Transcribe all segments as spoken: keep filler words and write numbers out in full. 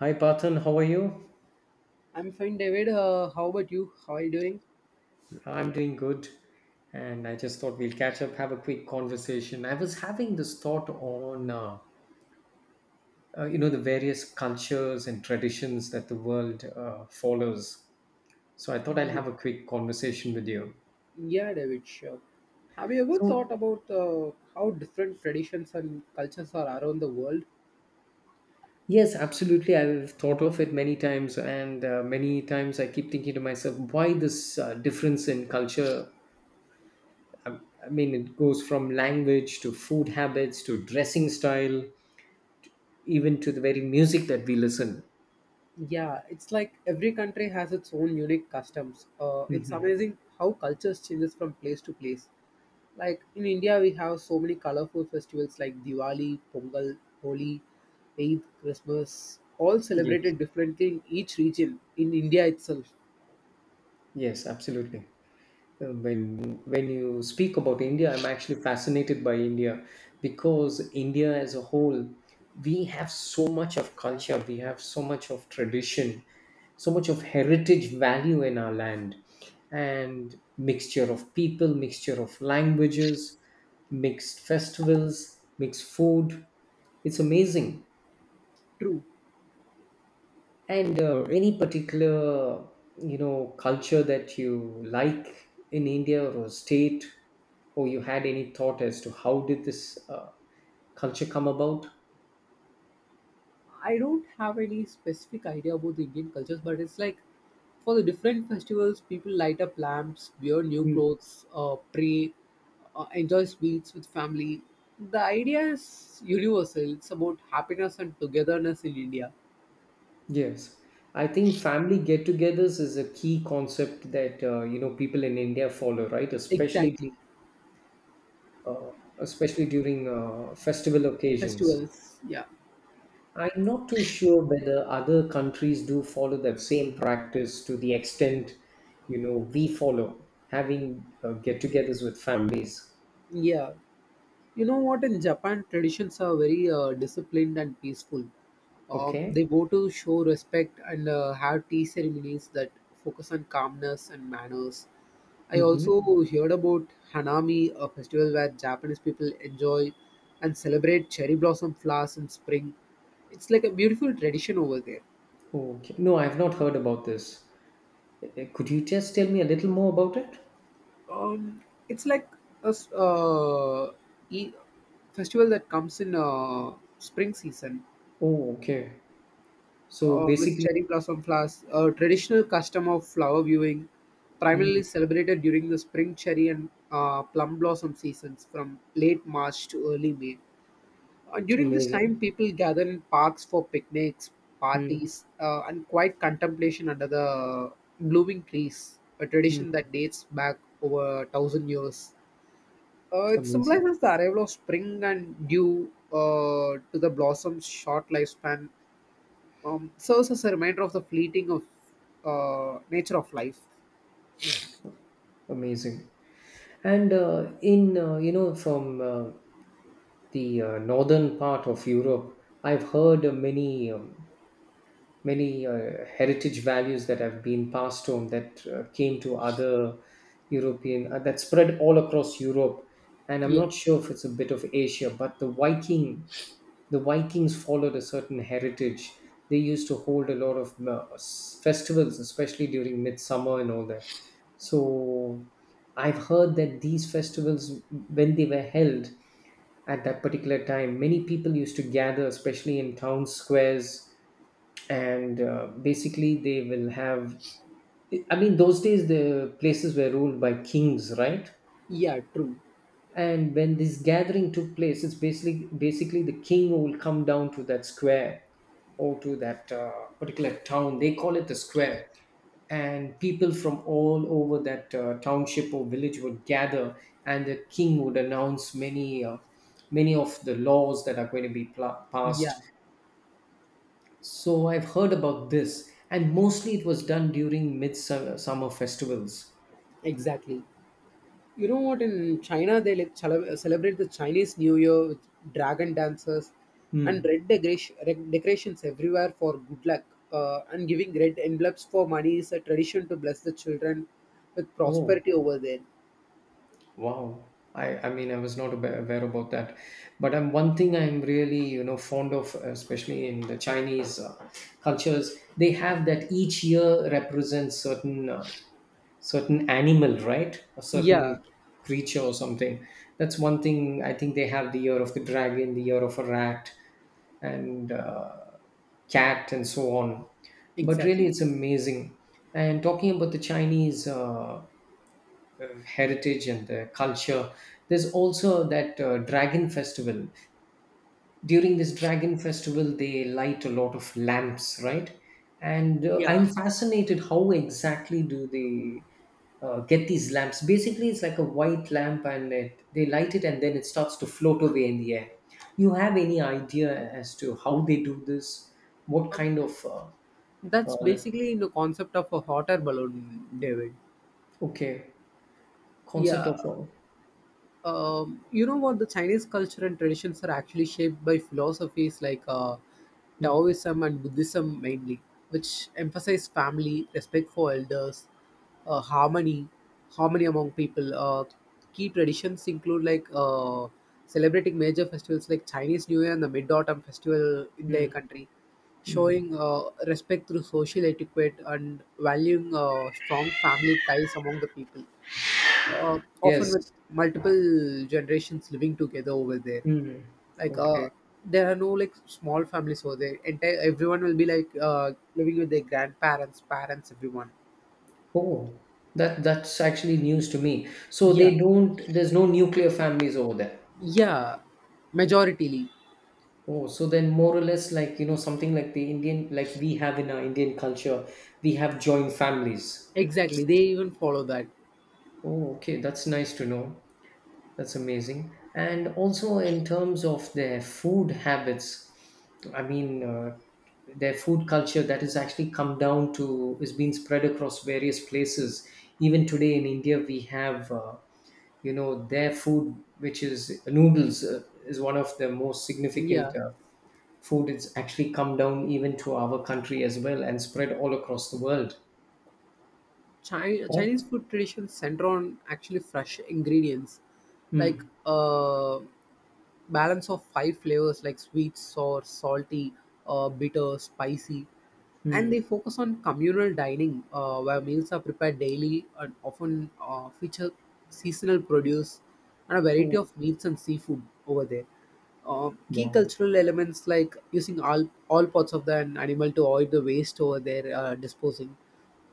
Hi Parthan, how are you? I'm fine, David. Uh, how about you? How are you doing? I'm doing good. And I just thought we'll catch up, have a quick conversation. I was having this thought on, uh, uh, you know, the various cultures and traditions that the world uh, follows. So I thought I'll Yeah, have a quick conversation with you. yeah, David. Sure. Have you ever thought So, about uh, how different traditions and cultures are around the world? yes, absolutely. I've thought of it many times, and uh, many times I keep thinking to myself, why this uh, difference in culture? I, I mean, it goes from language to food habits to dressing style even to the very music that we listen. Yeah, it's like every country has its own unique customs. Uh, it's amazing how cultures changes from place to place. Like in India, we have so many colorful festivals like Diwali, Pongal, Holi, Eid, Christmas, all Yes. celebrated differently in each region in India itself. Yes, absolutely. Uh, When when you speak about India, I'm actually fascinated by India because India as a whole, we have so much of culture, we have so much of tradition, so much of heritage value in our land, and mixture of people, mixture of languages, mixed festivals, mixed food. It's amazing. True. And uh, any particular, you know, culture that you like in India or a state, or you had any thought as to how did this uh, culture come about? I don't have any specific idea about the Indian cultures, but it's like for the different festivals, people light up lamps, wear new Mm. clothes, uh, pray, uh, enjoy sweets with family. The idea is universal. It's about happiness and togetherness in India. Yes. I think family get-togethers is a key concept that uh, you know people in India follow, right? Especially, Exactly. uh, especially during uh, festival occasions. Festivals. Yeah. I'm not too sure whether other countries do follow that same practice to the extent, you know, we follow having uh, get-togethers with families. Yeah. You know what? In Japan, traditions are very uh, disciplined and peaceful. Uh, Okay. they go to show respect and uh, have tea ceremonies that focus on calmness and manners. I Mm-hmm. also heard about Hanami, a festival where Japanese people enjoy and celebrate cherry blossom flowers in spring. It's like a beautiful tradition over there. Okay. No, I've not heard about this. Eh, eh, Could you just tell me a little more about it? Um, it's like a s- uh, e- festival that comes in uh, spring season. Oh, okay. So uh, With basically. cherry blossom flowers, a traditional custom of flower viewing, Hmm. primarily celebrated during the spring cherry and uh, plum blossom seasons from late March to early May. Uh, during this time, Amazing. people gather in parks for picnics, Hmm. parties, uh, and quiet contemplation under the blooming trees, a Hmm. tradition that dates back over a thousand years. Uh, it Amazing. symbolizes the arrival of spring and due uh, to the blossom's short lifespan um, serves as a reminder of the fleeting of uh, nature of life. Amazing. And uh, in, uh, you know, from uh, the uh, northern part of Europe, I've heard uh, many um, many uh, heritage values that have been passed on that uh, came to other European uh, that spread all across Europe, and I'm Yeah, not sure if it's a bit of Asia, but the Viking the Vikings followed a certain heritage. They used to hold a lot of uh, s- festivals, especially during midsummer and all that. So I've heard that these festivals, when they were held at that particular time, many people used to gather, especially in town squares and uh, basically they will have, I mean, those days the places were ruled by kings, right? yeah, true. And when this gathering took place, it's basically basically the king who will come down to that square or to that uh, particular town, they call it the square, and people from all over that uh, township or village would gather, and the king would announce many uh, many of the laws that are going to be pla passed. Yeah, So I've heard about this, and mostly it was done during midsummer summer festivals. exactly. You know what? In China, they like cele- celebrate the Chinese New Year with dragon dances and Hmm. red decoration, red decorations everywhere for good luck. Uh, and giving red envelopes for money is a tradition to bless the children with Oh, prosperity over there. wow. I, I mean, I was not aware aware about that. But um, one thing I'm really, you know, fond of, especially in the Chinese uh, cultures, they have that each year represents certain uh, certain animal, right? A Yeah, certain creature or something. That's one thing. I think they have the year of the dragon, the year of a rat, and uh, cat, and so on. But really, exactly. it's amazing. And talking about the Chinese uh, uh, heritage and the culture, there's also that uh, dragon festival. During this dragon festival, they light a lot of lamps, right? And uh, Yeah. I'm fascinated how exactly do they uh, get these lamps. Basically, it's like a white lamp and it, they light it and then it starts to float away in the air. You have any idea as to how they do this? What Um, kind of uh, that's uh, basically the concept of a hot air balloon, David. okay. Concept of Yeah. Uh, um, you know what, the Chinese culture and traditions are actually shaped by philosophies like uh, mm. Taoism and Buddhism, mainly, which emphasize family respect for elders, uh, harmony harmony among people. Uh, key traditions include like uh, celebrating major festivals like Chinese New Year and the Mid-Autumn Festival in their Mm. country, Mm. showing uh, respect through social etiquette and valuing uh, strong family ties among the people, uh, often with Yes. multiple generations living together over there. Mm. like uh Okay. there are no like small families over there, entire everyone will be like uh living with their grandparents, parents, everyone. Oh, that that's actually news to me. So yeah they don't, there's no nuclear families over there. yeah, majoritarily. Oh, so then more or less like, you know, something like the Indian, like we have in our Indian culture, we have joint families. Exactly, they even follow that. Oh, okay, that's nice to know. That's amazing. And also in terms of their food habits, I mean, uh, their food culture that has actually come down to is being spread across various places. Even today in India, we have uh, you know their food which is noodles uh, is one of the most significant Yeah. uh, food. It's actually come down even to our country as well and spread all across the world. Chi- correct. Chinese food traditions center on actually fresh ingredients, like Mm. uh, balance of five flavors like sweet, sour, salty, uh, bitter, spicy, and Mm. they focus on communal dining uh, where meals are prepared daily and often uh, feature seasonal produce and a variety Oh, of meats and seafood over there. Uh, key wow. cultural elements like using all all parts of the an animal to avoid the waste over there, uh, disposing,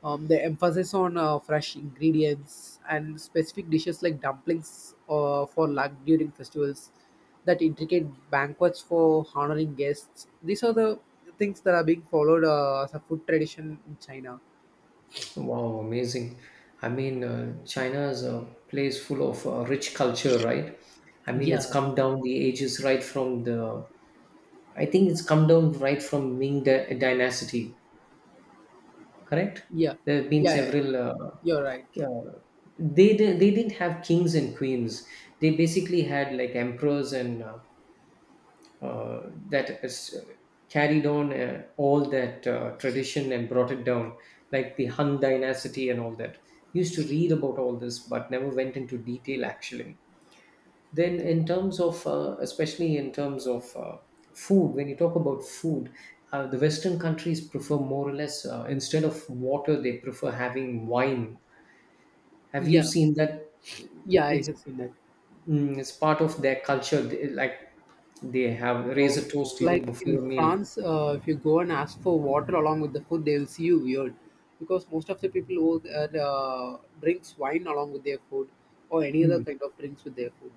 um, the emphasis on uh, fresh ingredients and specific dishes like dumplings uh, for luck during festivals, that intricate banquets for honoring guests. These are the things that are being followed uh, as a food tradition in China. Wow. Amazing. I mean uh, China is a place full of uh, rich culture, right? I mean, it's Yeah, come down the ages, right from the I think it's come down right from Ming Dy- dynasty. Correct? yeah, There have been yeah, yeah. several. You're right. Uh, uh, they di- they didn't have kings and queens. They basically had like emperors and uh, uh, that is, uh, carried on uh, all that uh, tradition and brought it down, like the Han dynasty and all that. Used to read about all this, but never went into detail actually. Then, in terms of, uh, especially in terms of uh, food, when you talk about food, uh, the Western countries prefer more or less, uh, instead of water, they prefer having wine. Have you Yeah, seen that? yeah, I It's have seen that. mm, it's part of their culture. They- like they have raise Um, a toast even like before in a meal. France, uh, if you go and ask for water along with the food, they will see you weird because most of the people who uh, drinks wine along with their food or any other Mm. kind of drinks with their food.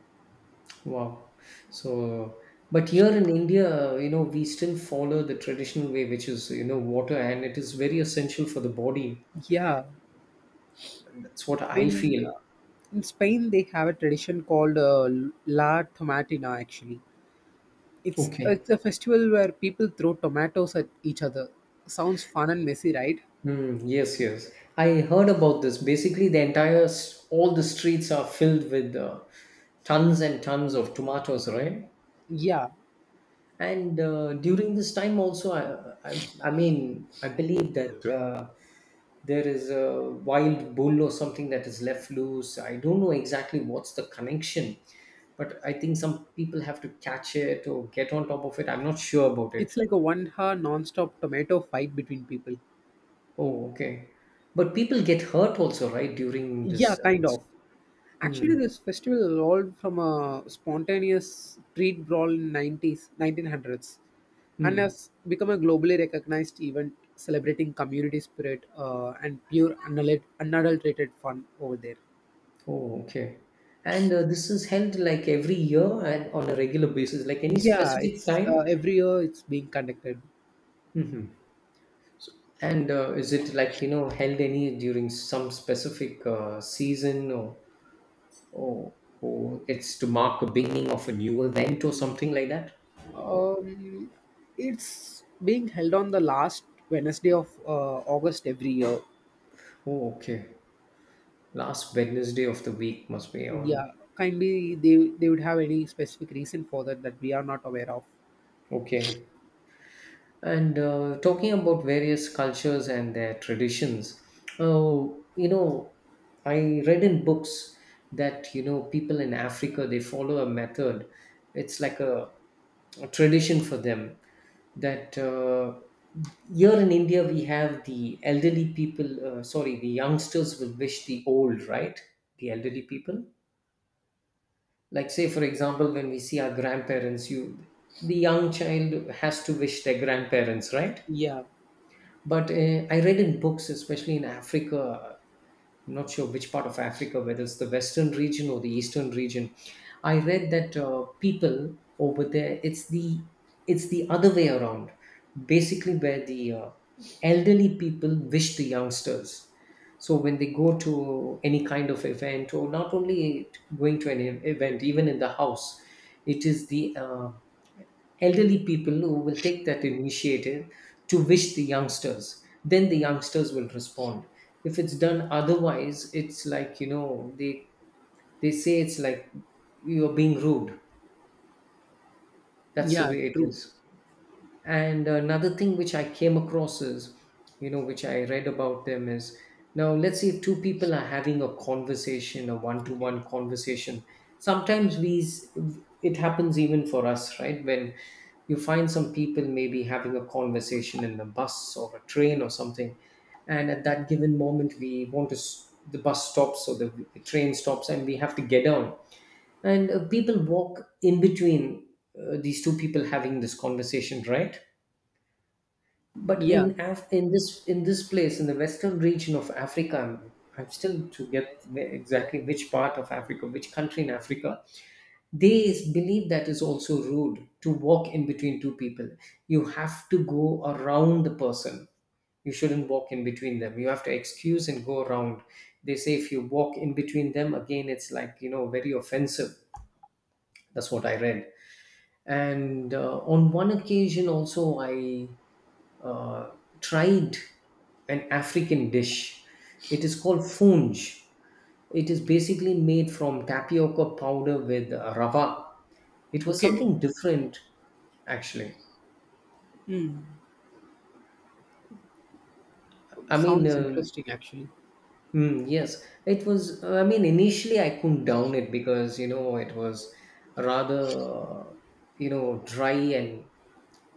Wow. So, but here in India, you know, we still follow the traditional way, which is, you know, water, and it is very essential for the body. Yeah, That's what I in feel. uh, in Spain they have a tradition called uh, La Tomatina. Actually, it's Okay. it's a festival where people throw tomatoes at each other. Sounds fun and messy, right? Hmm. Yes, yes. I heard about this. Basically, the entire s- all the streets are filled with uh, tons and tons of tomatoes, right? Yeah, And uh, during this time, also, I, I, I mean, I believe that uh, there is a wild bull or something that is left loose. I don't know exactly what's the connection, but I think some people have to catch it or get on top of it. I'm not sure about it. it's like a one-hour non-stop tomato fight between people. Oh, okay. But people get hurt also, right? During Yeah, this. Uh, kind It's. of. Actually, Hmm. this festival evolved from a spontaneous street brawl in nineties, nineteen hundreds, and Hmm. has become a globally recognized event celebrating community spirit uh, and pure unadul- unadulterated fun over there. Oh, okay. And uh, this is held like every year and on a regular basis, like any Yeah, specific it's uh, time? every year it's being conducted. hmm So, and uh, is it like, you know, held any during some specific uh, season, or, or, or, it's to mark the beginning of a new event or something like that? Oh, Um, it's being held on the last Wednesday of uh, August every year. oh, okay. Last Wednesday of the week must be on. Yeah, kindly they they would have any specific reason for that that we are not aware of. Okay. And uh, talking about various cultures and their traditions, uh, you know, I read in books that, you know, people in Africa, they follow a method. It's like a, a tradition for them that uh, here in India, we have the elderly people, uh, sorry, the youngsters will wish the old, right? The elderly people. Like, say, for example, when we see our grandparents, you, the young child has to wish their grandparents, right? Yeah. But uh, I read in books, especially in Africa, I'm not sure which part of Africa, whether it's the Western region or the Eastern region. I read that uh, people over there, it's the it's the other way around. Basically, where the uh, elderly people wish the youngsters. So when they go to any kind of event, or not only going to an event, even in the house, it is the uh, elderly people, no, will take that initiative to wish the youngsters. Then the youngsters will respond. If it's done otherwise, it's like, you know, they they say it's like you're being rude. That's the Yeah, way it true. is. And another thing which I came across is, you know, which I read about them is, now let's say if two people are having a conversation, a one to Okay. one conversation. Sometimes we, s- it happens even for us, right? When you find some people maybe having a conversation in the bus or a train or something. And at that given moment, we want to, s- the bus stops or the the train stops and we have to get down. And uh, people walk in between uh, these two people having this conversation, right? But Yeah. in Af- in this in this place in the western region of Africa, I'm still to get exactly which part of Africa, which country in Africa, they believe that is also rude to walk in between two people. You have to go around the person. You shouldn't walk in between them. You have to excuse and go around. They say if you walk in between them again, it's like you know very offensive. That's what I read. And uh, on one occasion, also I uh, tried an African dish. It is called funge. It is basically made from tapioca powder with rava. It was Okay. something different, actually. Hmm. I mean, Sounds uh, interesting, actually. mm, yes, it was. I mean, initially I couldn't down it because, you know, it was rather, uh, you know, dry and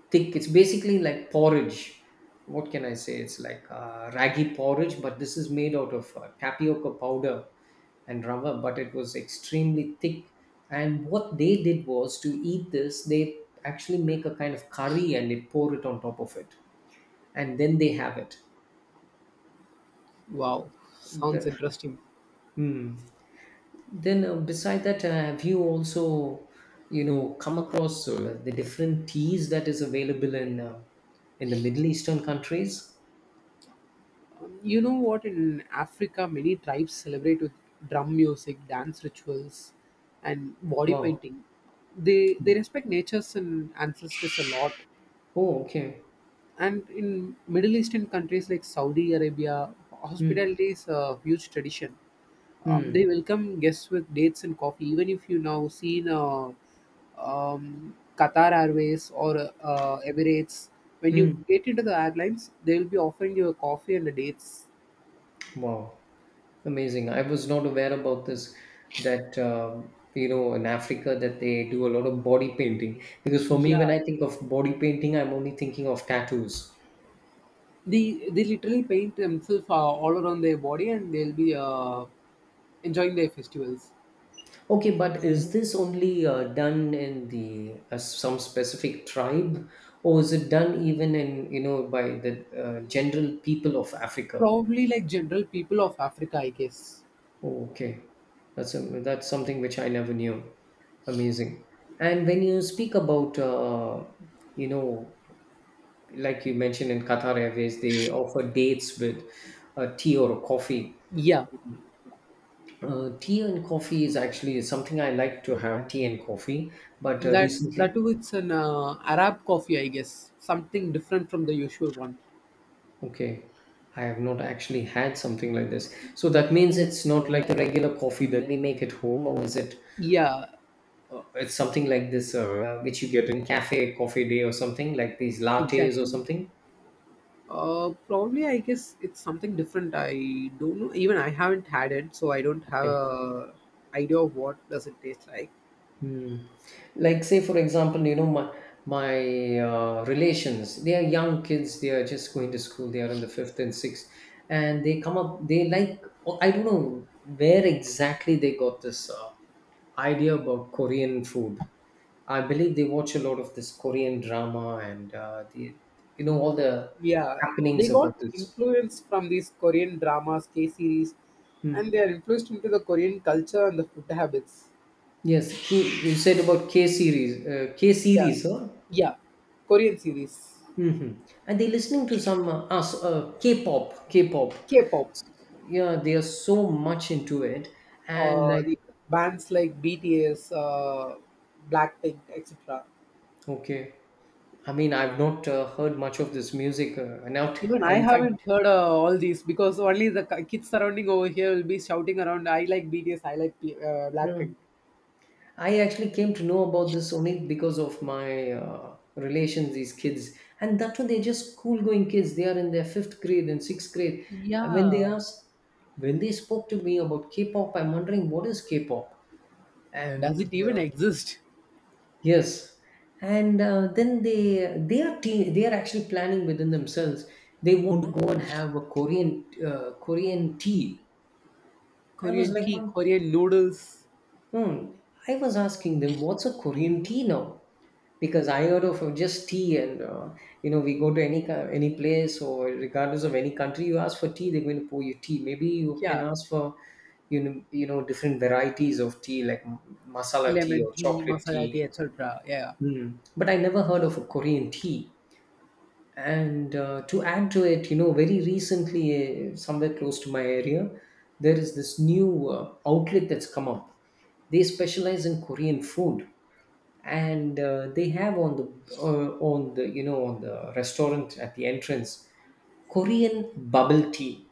thick. It's basically like porridge. What can I say? It's like uh, raggy porridge, but this is made out of uh, tapioca powder and rava, but it was extremely thick. And what they did was, to eat this, they actually make a kind of curry and they pour it on top of it, and then they have it. Wow. Sounds The- interesting. hmm. Then, uh, beside that, uh, have you also, you know, come across uh, the different teas that is available in uh, in the Middle Eastern countries? You know what? In Africa, many tribes celebrate with drum music, dance rituals, and body Wow. painting. They they respect natures and ancestors a lot. Oh, okay. And in Middle Eastern countries like Saudi Arabia, Hmm. hospitality is a huge tradition. Um, they Hmm. welcome guests with dates and coffee. Even if you now seen uh, um, Qatar Airways or uh, Emirates, when you Hmm. get into the airlines, they will be offering you a coffee and the dates. Wow. Amazing. I was not aware about this, that um, you know in Africa that they do a lot of body painting, because for me, when Yeah, I think of body painting, I'm only thinking of tattoos. they they literally paint themselves uh, all around their body, and they'll be uh, enjoying their festivals. Okay, but is this only uh, done in the uh, some specific tribe, or is it done even in you know by the uh, general people of Africa? Probably like general people of Africa, I guess. Oh, okay, that's a, that's something which I never knew. Amazing. And when you speak about, uh, you know, like you mentioned, in Qatar Airways they offer dates with a tea or a coffee. Yeah. Uh, tea and coffee is actually something I like to have, tea and coffee, but uh, That that recently, too, it's an uh, Arab coffee, I guess. Something different from the usual one. okay, I have not actually had something like this. So that means it's not like the regular coffee that we make at home, or is it? Yeah, Uh, it's something like this, uh, which you get in Cafe Coffee Day, or something like these lattes or exactly. something. Uh, probably, I guess it's something different. I don't know. Even I haven't had it, so I don't have Okay. a idea of what does it taste like. Hmm. Like say, for example, you know, my my uh, relations. They are young kids. They are just going to school. They are in the fifth and sixth, and they come up. They like, oh, I don't know where exactly they got this uh, idea about Korean food. I believe they watch a lot of this Korean drama and uh, the you know all the Yeah, they happenings about got this. influence from these Korean dramas, K series, and Hmm. they are influenced into the Korean culture and the food habits. Yes, K- you said about K series, uh, K Yeah, series, huh? yeah, Korean series, Hmm. And they're listening to some uh, us- uh, K-pop, K-pop. K-pop. Yeah, they are so much into it, and uh, like, The bands like B T S, uh, Blackpink, et cetera. okay, I mean, I've not uh, heard much of this music, uh, and out, Even I in fact, haven't heard uh, all these because only the ki- kids surrounding over here will be shouting around, I like B T S, I like P- uh, yeah. Blackpink. I actually came to know about this only because of my uh, relations, these kids. And that too, they're just school going kids. They are in their fifth grade and sixth grade. And when they Yeah. asked, when they spoke to me about K pop, I'm wondering, what is K pop? Does And it even uh, exist? yes. And uh, then they they are te- they are actually planning within themselves. They want to go and have a Korean uh, Korean tea. I was Korean like, tea, Korean noodles. hmm. I was asking them, what's a Korean tea now? Because I heard of just tea, and uh, you know, we go to any co- any place, or regardless of any country, you ask for tea, they're going to pour you tea. Maybe you can Yeah. ask for, you know, you know different varieties of tea, like m- masala tea Lemon or tea, chocolate masala tea. tea, et cetera. Yeah. Hmm. But I never heard of a Korean tea. And uh, to add to it, you know very recently, uh, somewhere close to my area, there is this new uh, outlet that's come up. They specialize in Korean food, and uh, they have, on the uh, on the you know on the restaurant, at the entrance, Korean bubble tea.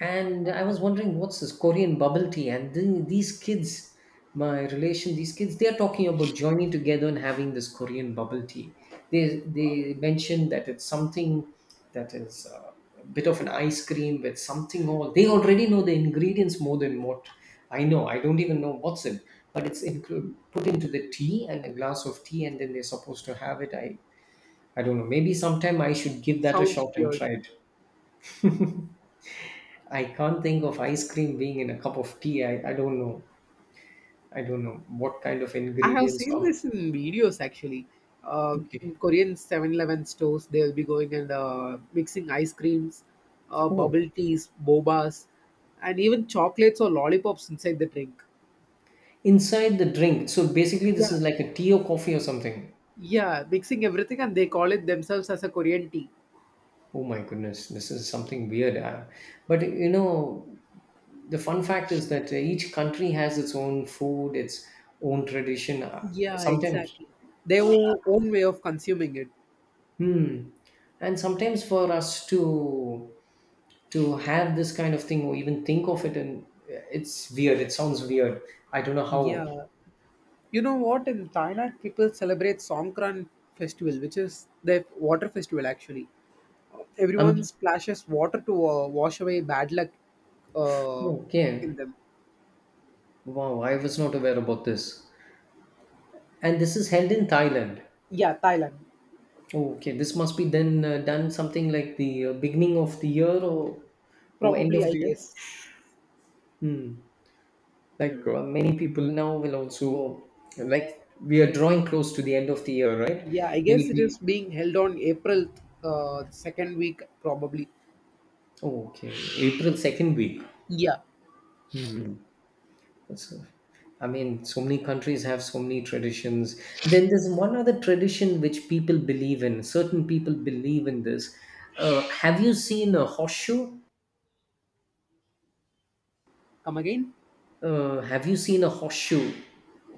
And I was wondering, what's this Korean bubble tea? And then these kids, my relation, these kids, they're talking about joining together and having this Korean bubble tea. They they mentioned that it's something that is uh, a bit of an ice cream with something all. They already know the ingredients more than what I know. I don't even know what's in, but it's inclu- put into the tea, and a glass of tea, and then they're supposed to have it. I I don't know. Maybe sometime I should give that a Sounds shot and weird. try it. I can't think of ice cream being in a cup of tea. I, I don't know. I don't know what kind of I have ingredients seen are. this in videos actually. Uh, in Okay. Korean Seven stores, they'll be going and uh, mixing ice creams, uh, Oh, bubble teas, bobas, and even chocolates or lollipops inside the drink. inside the drink. So basically, this Yeah, is like a tea or coffee or something. yeah, mixing everything, and they call it themselves as a Korean tea. Oh my goodness, this is something weird. Uh, but you know, the fun fact is that uh, each country has its own food, its own tradition. Uh, yeah, Sometimes, exactly. Their o- own way of consuming it. hmm. And sometimes, for us to to have this kind of thing, or even think of it, and it's weird, it sounds weird. I don't know how. Yeah. You know what? In Thailand, people celebrate Songkran festival, which is the water festival actually. I'm Everyone splashes water to uh, wash away bad luck uh, Oh, in okay. them. Wow, I was not aware about this. And this is held in Thailand? Yeah, Thailand. Oh, okay, this must be then uh, done something like the uh, beginning of the year, or or end Probably, of I the year. guess. Hmm. Like uh, many people now will also, like, we are drawing close to the end of the year, right? Yeah, I guess Many it is people. being held on April uh, second week, probably. Oh, okay. April second week. Yeah. That's a- I mean, so many countries have so many traditions. Then there's one other tradition which people believe in. Certain people believe in this. Uh, have you seen a horseshoe? Come again? Uh, have you seen a horseshoe?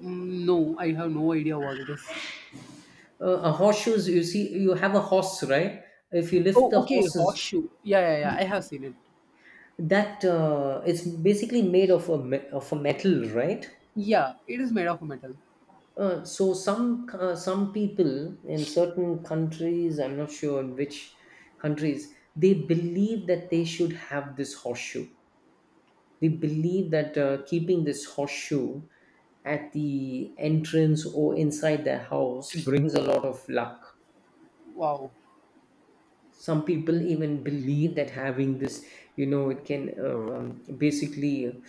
Mm, no, I have no idea what it is. Uh, a horseshoe is, you see, you have a horse, right? If you lift Oh, the okay, horses, horseshoe. Yeah, yeah, yeah. I have seen it. that, uh, it's basically made of a me- of a metal, right? Yeah, it is made of metal. Uh, so some uh, some people in certain countries, I'm not sure in which countries, they believe that they should have this horseshoe. They believe that uh, keeping this horseshoe at the entrance or inside their house brings a lot of luck. Wow. Some people even believe that having this, you know, it can uh, um, basically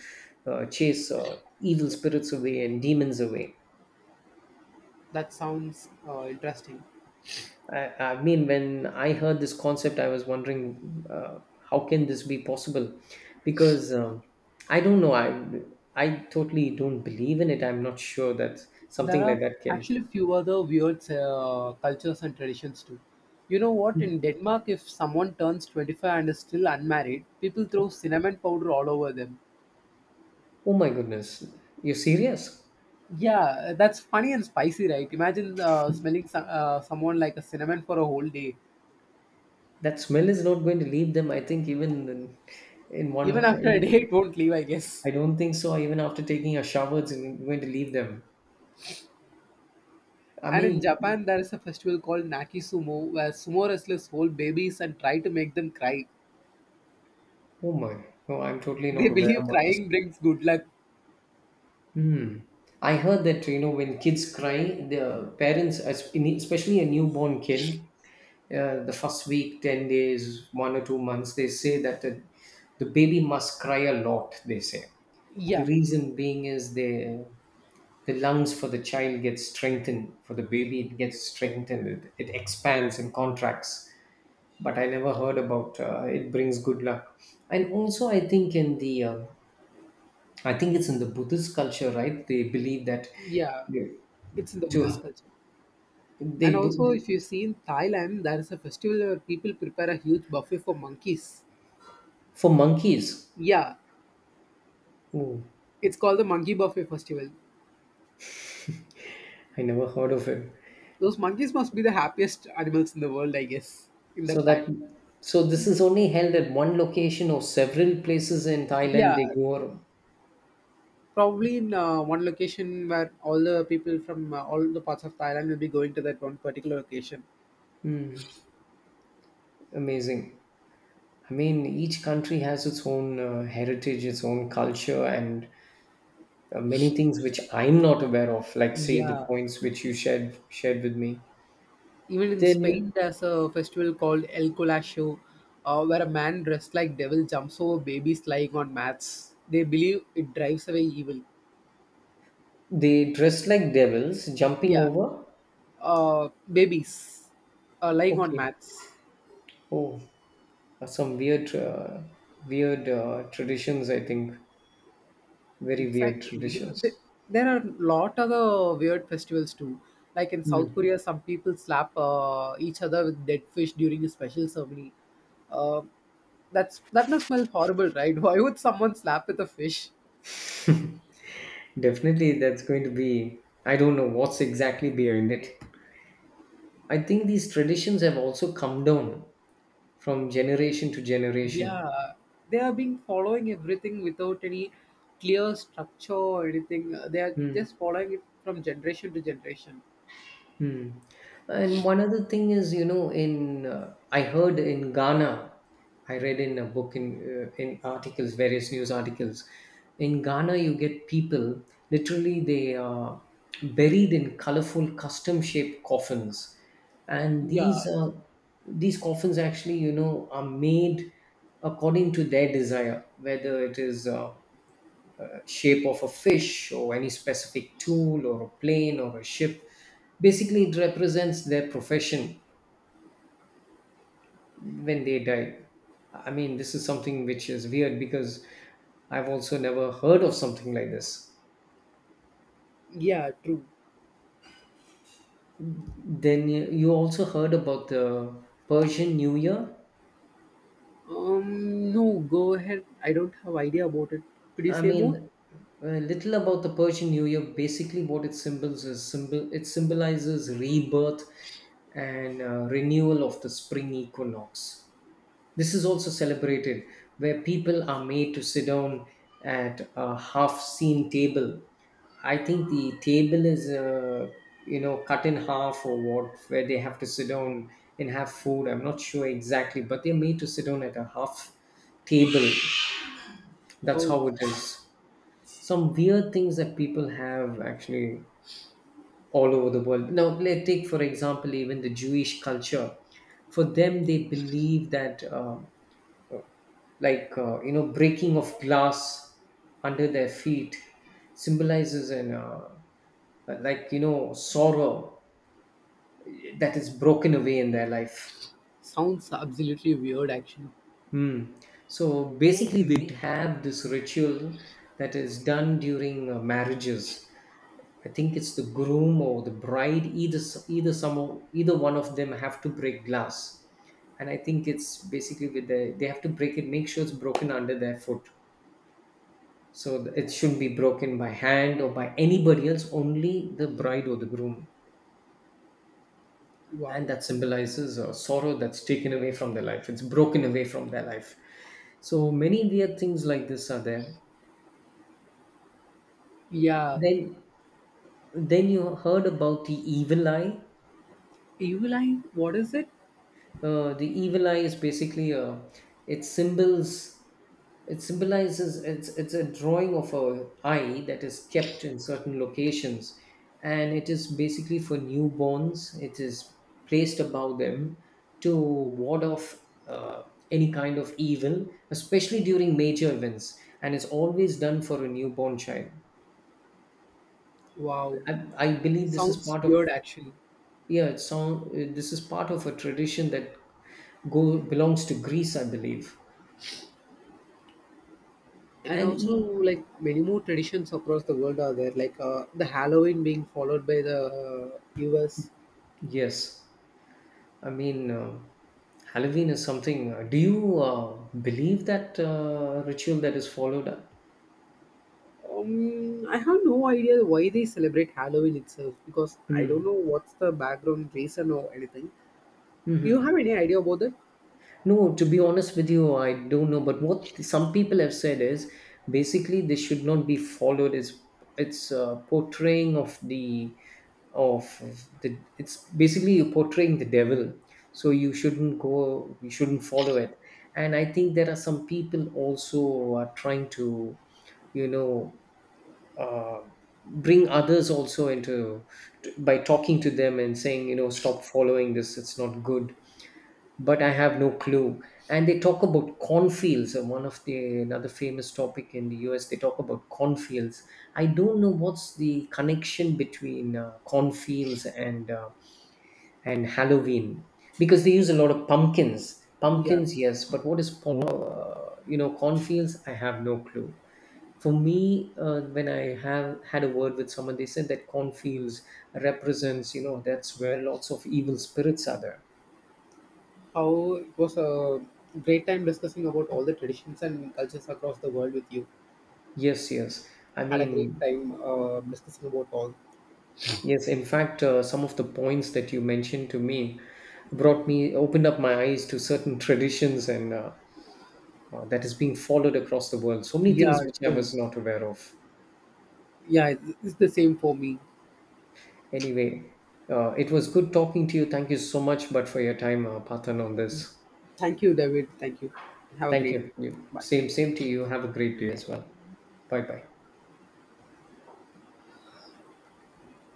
uh, chase uh, evil spirits away, and demons away. That sounds uh, interesting. I, I mean, when I heard this concept, I was wondering, uh, how can this be possible? Because um, I don't know. I I totally don't believe in it. I'm not sure that There something are like that can. actually few other weird uh, cultures and traditions too. You know what? In Denmark, if someone turns twenty-five and is still unmarried, people throw cinnamon powder all over them. Oh my goodness, you're serious? Yeah, that's funny and spicy, right? Imagine uh, smelling so- uh, someone like a cinnamon for a whole day. That smell is not going to leave them. I think, even in, in Even after a day, one, it won't leave, I guess. I don't think so. Even after taking a shower, it's going to leave them. I And in mean, Japan, there is a festival called Naki Sumo where sumo wrestlers hold babies and try to make them cry. oh my, no, I'm totally They not aware believe about this. crying brings good luck. Hmm. I heard that, you know when kids cry, the parents, as- in- especially a newborn kid, uh, the first week, ten days, one or two months, they say that the, the baby must cry a lot. They say the Yeah, reason being is the the lungs for the child get strengthened. For the baby, it gets strengthened. It, it expands and contracts. But I never heard about uh, it brings good luck. And also, I think in the uh, I think it's in the Buddhist culture, right? They believe that yeah, it's in the Buddhist to culture. they And bu- also, if you see in Thailand, there is a festival where people prepare a huge buffet for monkeys. for monkeys. Yeah, Ooh, it's called the Monkey Buffet Festival. I never heard of it. Those monkeys must be the happiest animals in the world, I guess, in So that that time. so this is only held at one location, or several places in Thailand. Yeah, They go around. probably in uh, one location where all the people from uh, all the parts of Thailand will be going to that one particular location. Amazing. I mean, each country has its own uh, heritage, its own culture, and uh, many things which I'm not aware of. Like say, the Yeah. points which you shared shared with me. Even in Then Spain, there's a festival called El Colacho, uh, where a man dressed like devil jumps over babies lying on mats. They believe it drives away evil. they dress like devils, jumping Yeah, over. uh, babies uh, lying on Okay. mats. Oh, some weird, uh, weird uh, traditions. I think very weird Exactly. Th- traditions. There are a lot other weird festivals too. Like in South Mm. Korea, some people slap uh, each other with dead fish during a special ceremony. Uh, that's that must smell horrible, right? Why would someone slap with a fish? Definitely, that's going to be. I don't know what's exactly behind it. I think these traditions have also come down from generation to generation. Yeah, they have been following everything without any clear structure or anything. Uh, They are just following it from generation to generation. Hmm. And one other thing is, you know, in uh, I heard in Ghana, I read in a book, in uh, in articles, various news articles. In Ghana, you get people, literally they are buried in colorful, custom-shaped coffins, and these Yeah, uh, these coffins actually, you know, are made according to their desire, whether it is. Uh, uh, shape of a fish, or any specific tool, or a plane, or a ship. Basically, it represents their profession when they die. I mean, this is something which is weird, because I've also never heard of something like this. yeah, true. Then you you also heard about the Persian New Year. Um, no, go ahead. I don't have idea about it. Could you I say more? mean, a little about the Persian New Year. Basically, what it symbols is symbol. It symbolizes rebirth, and uh, renewal of the spring equinox. This is also celebrated where people are made to sit down at a half seen table. I think the table is, uh, you know, cut in half, or what, where they have to sit down and have food. I'm not sure exactly, but they're made to sit down at a half table. That's Oh, how it is. Some weird things that people have actually, all over the world. Now, let's take, for example, even the Jewish culture. For them, they believe that uh, like, uh, you know breaking of glass under their feet symbolizes an uh, like, you know sorrow that is broken away in their life. sounds absolutely weird, actually. Hmm. So basically, they have this ritual that is done during uh, marriages. I think it's the groom or the bride. Either s- either some of- either one of them have to break glass, and I think it's basically with the they have to break it, make sure it's broken under their foot. So th- it shouldn't be broken by hand, or by anybody else, only the bride or the groom. Wow. And that symbolizes a sorrow that's taken away from their life. It's broken away from their life. So many weird things like this are there. Yeah, Then, then you heard about the evil eye. Evil Eye. What is it? Uh, the evil eye is basically a it symbols it symbolizes it's it's a drawing of a eye that is kept in certain locations, and it is basically for newborns, it is placed above them to ward off uh, any kind of evil, especially during major events, and it's always done for a newborn child. Wow, I, I believe this is sounds part of. weird, actually. Yeah, it sound, uh, this is part of a tradition that go belongs to Greece, I believe. And And also, e- like many more traditions across the world are there, like uh, the Halloween being followed by the uh, US. yes, I mean, uh, Halloween is something. Uh, do you uh, believe that uh, ritual that is followed? Um, i have no idea why they celebrate Halloween itself because I don't Hmm. know what's the background reason or anything. You Mhm. have any idea about that? No, to be honest with you, I don't know. But what some people have said is basically this should not be followed. It's it's uh, portraying of the of the. It's basically you're portraying the devil, so you shouldn't go. You shouldn't follow it. And I think there are some people also who are trying to, you know, uh, bring others also into, by talking to them and saying, you know, stop following this. It's not good, but I have no clue. And they talk about cornfields, uh, one of the another famous topic in the U S. They talk about cornfields. I don't know what's the connection between uh, cornfields and uh, and Halloween, because they use a lot of pumpkins. Yeah, Pumpkins, yes, but what is po- uh, you know cornfields? I have no clue. For me, uh, when I have had a word with someone, they said that cornfields represents, you know that's where lots of evil spirits are there. how it was a great time discussing about all the traditions and cultures across the world with you. Yes, yes. I Had a great mean, time uh, discussing about all. yes, in fact, uh, some of the points that you mentioned to me brought me, opened up my eyes to certain traditions, and uh, uh, that is being followed across the world. So many Yeah, things which I too. was not aware of. Yeah, it's it's the same for me. Anyway, uh, it was good talking to you. Thank you so much, but for your time, uh, Pathan, on this. Thank you, David. Thank you. Have a Thank great day. you. you. Bye. Same, same to you. Have a great day as well. Bye bye.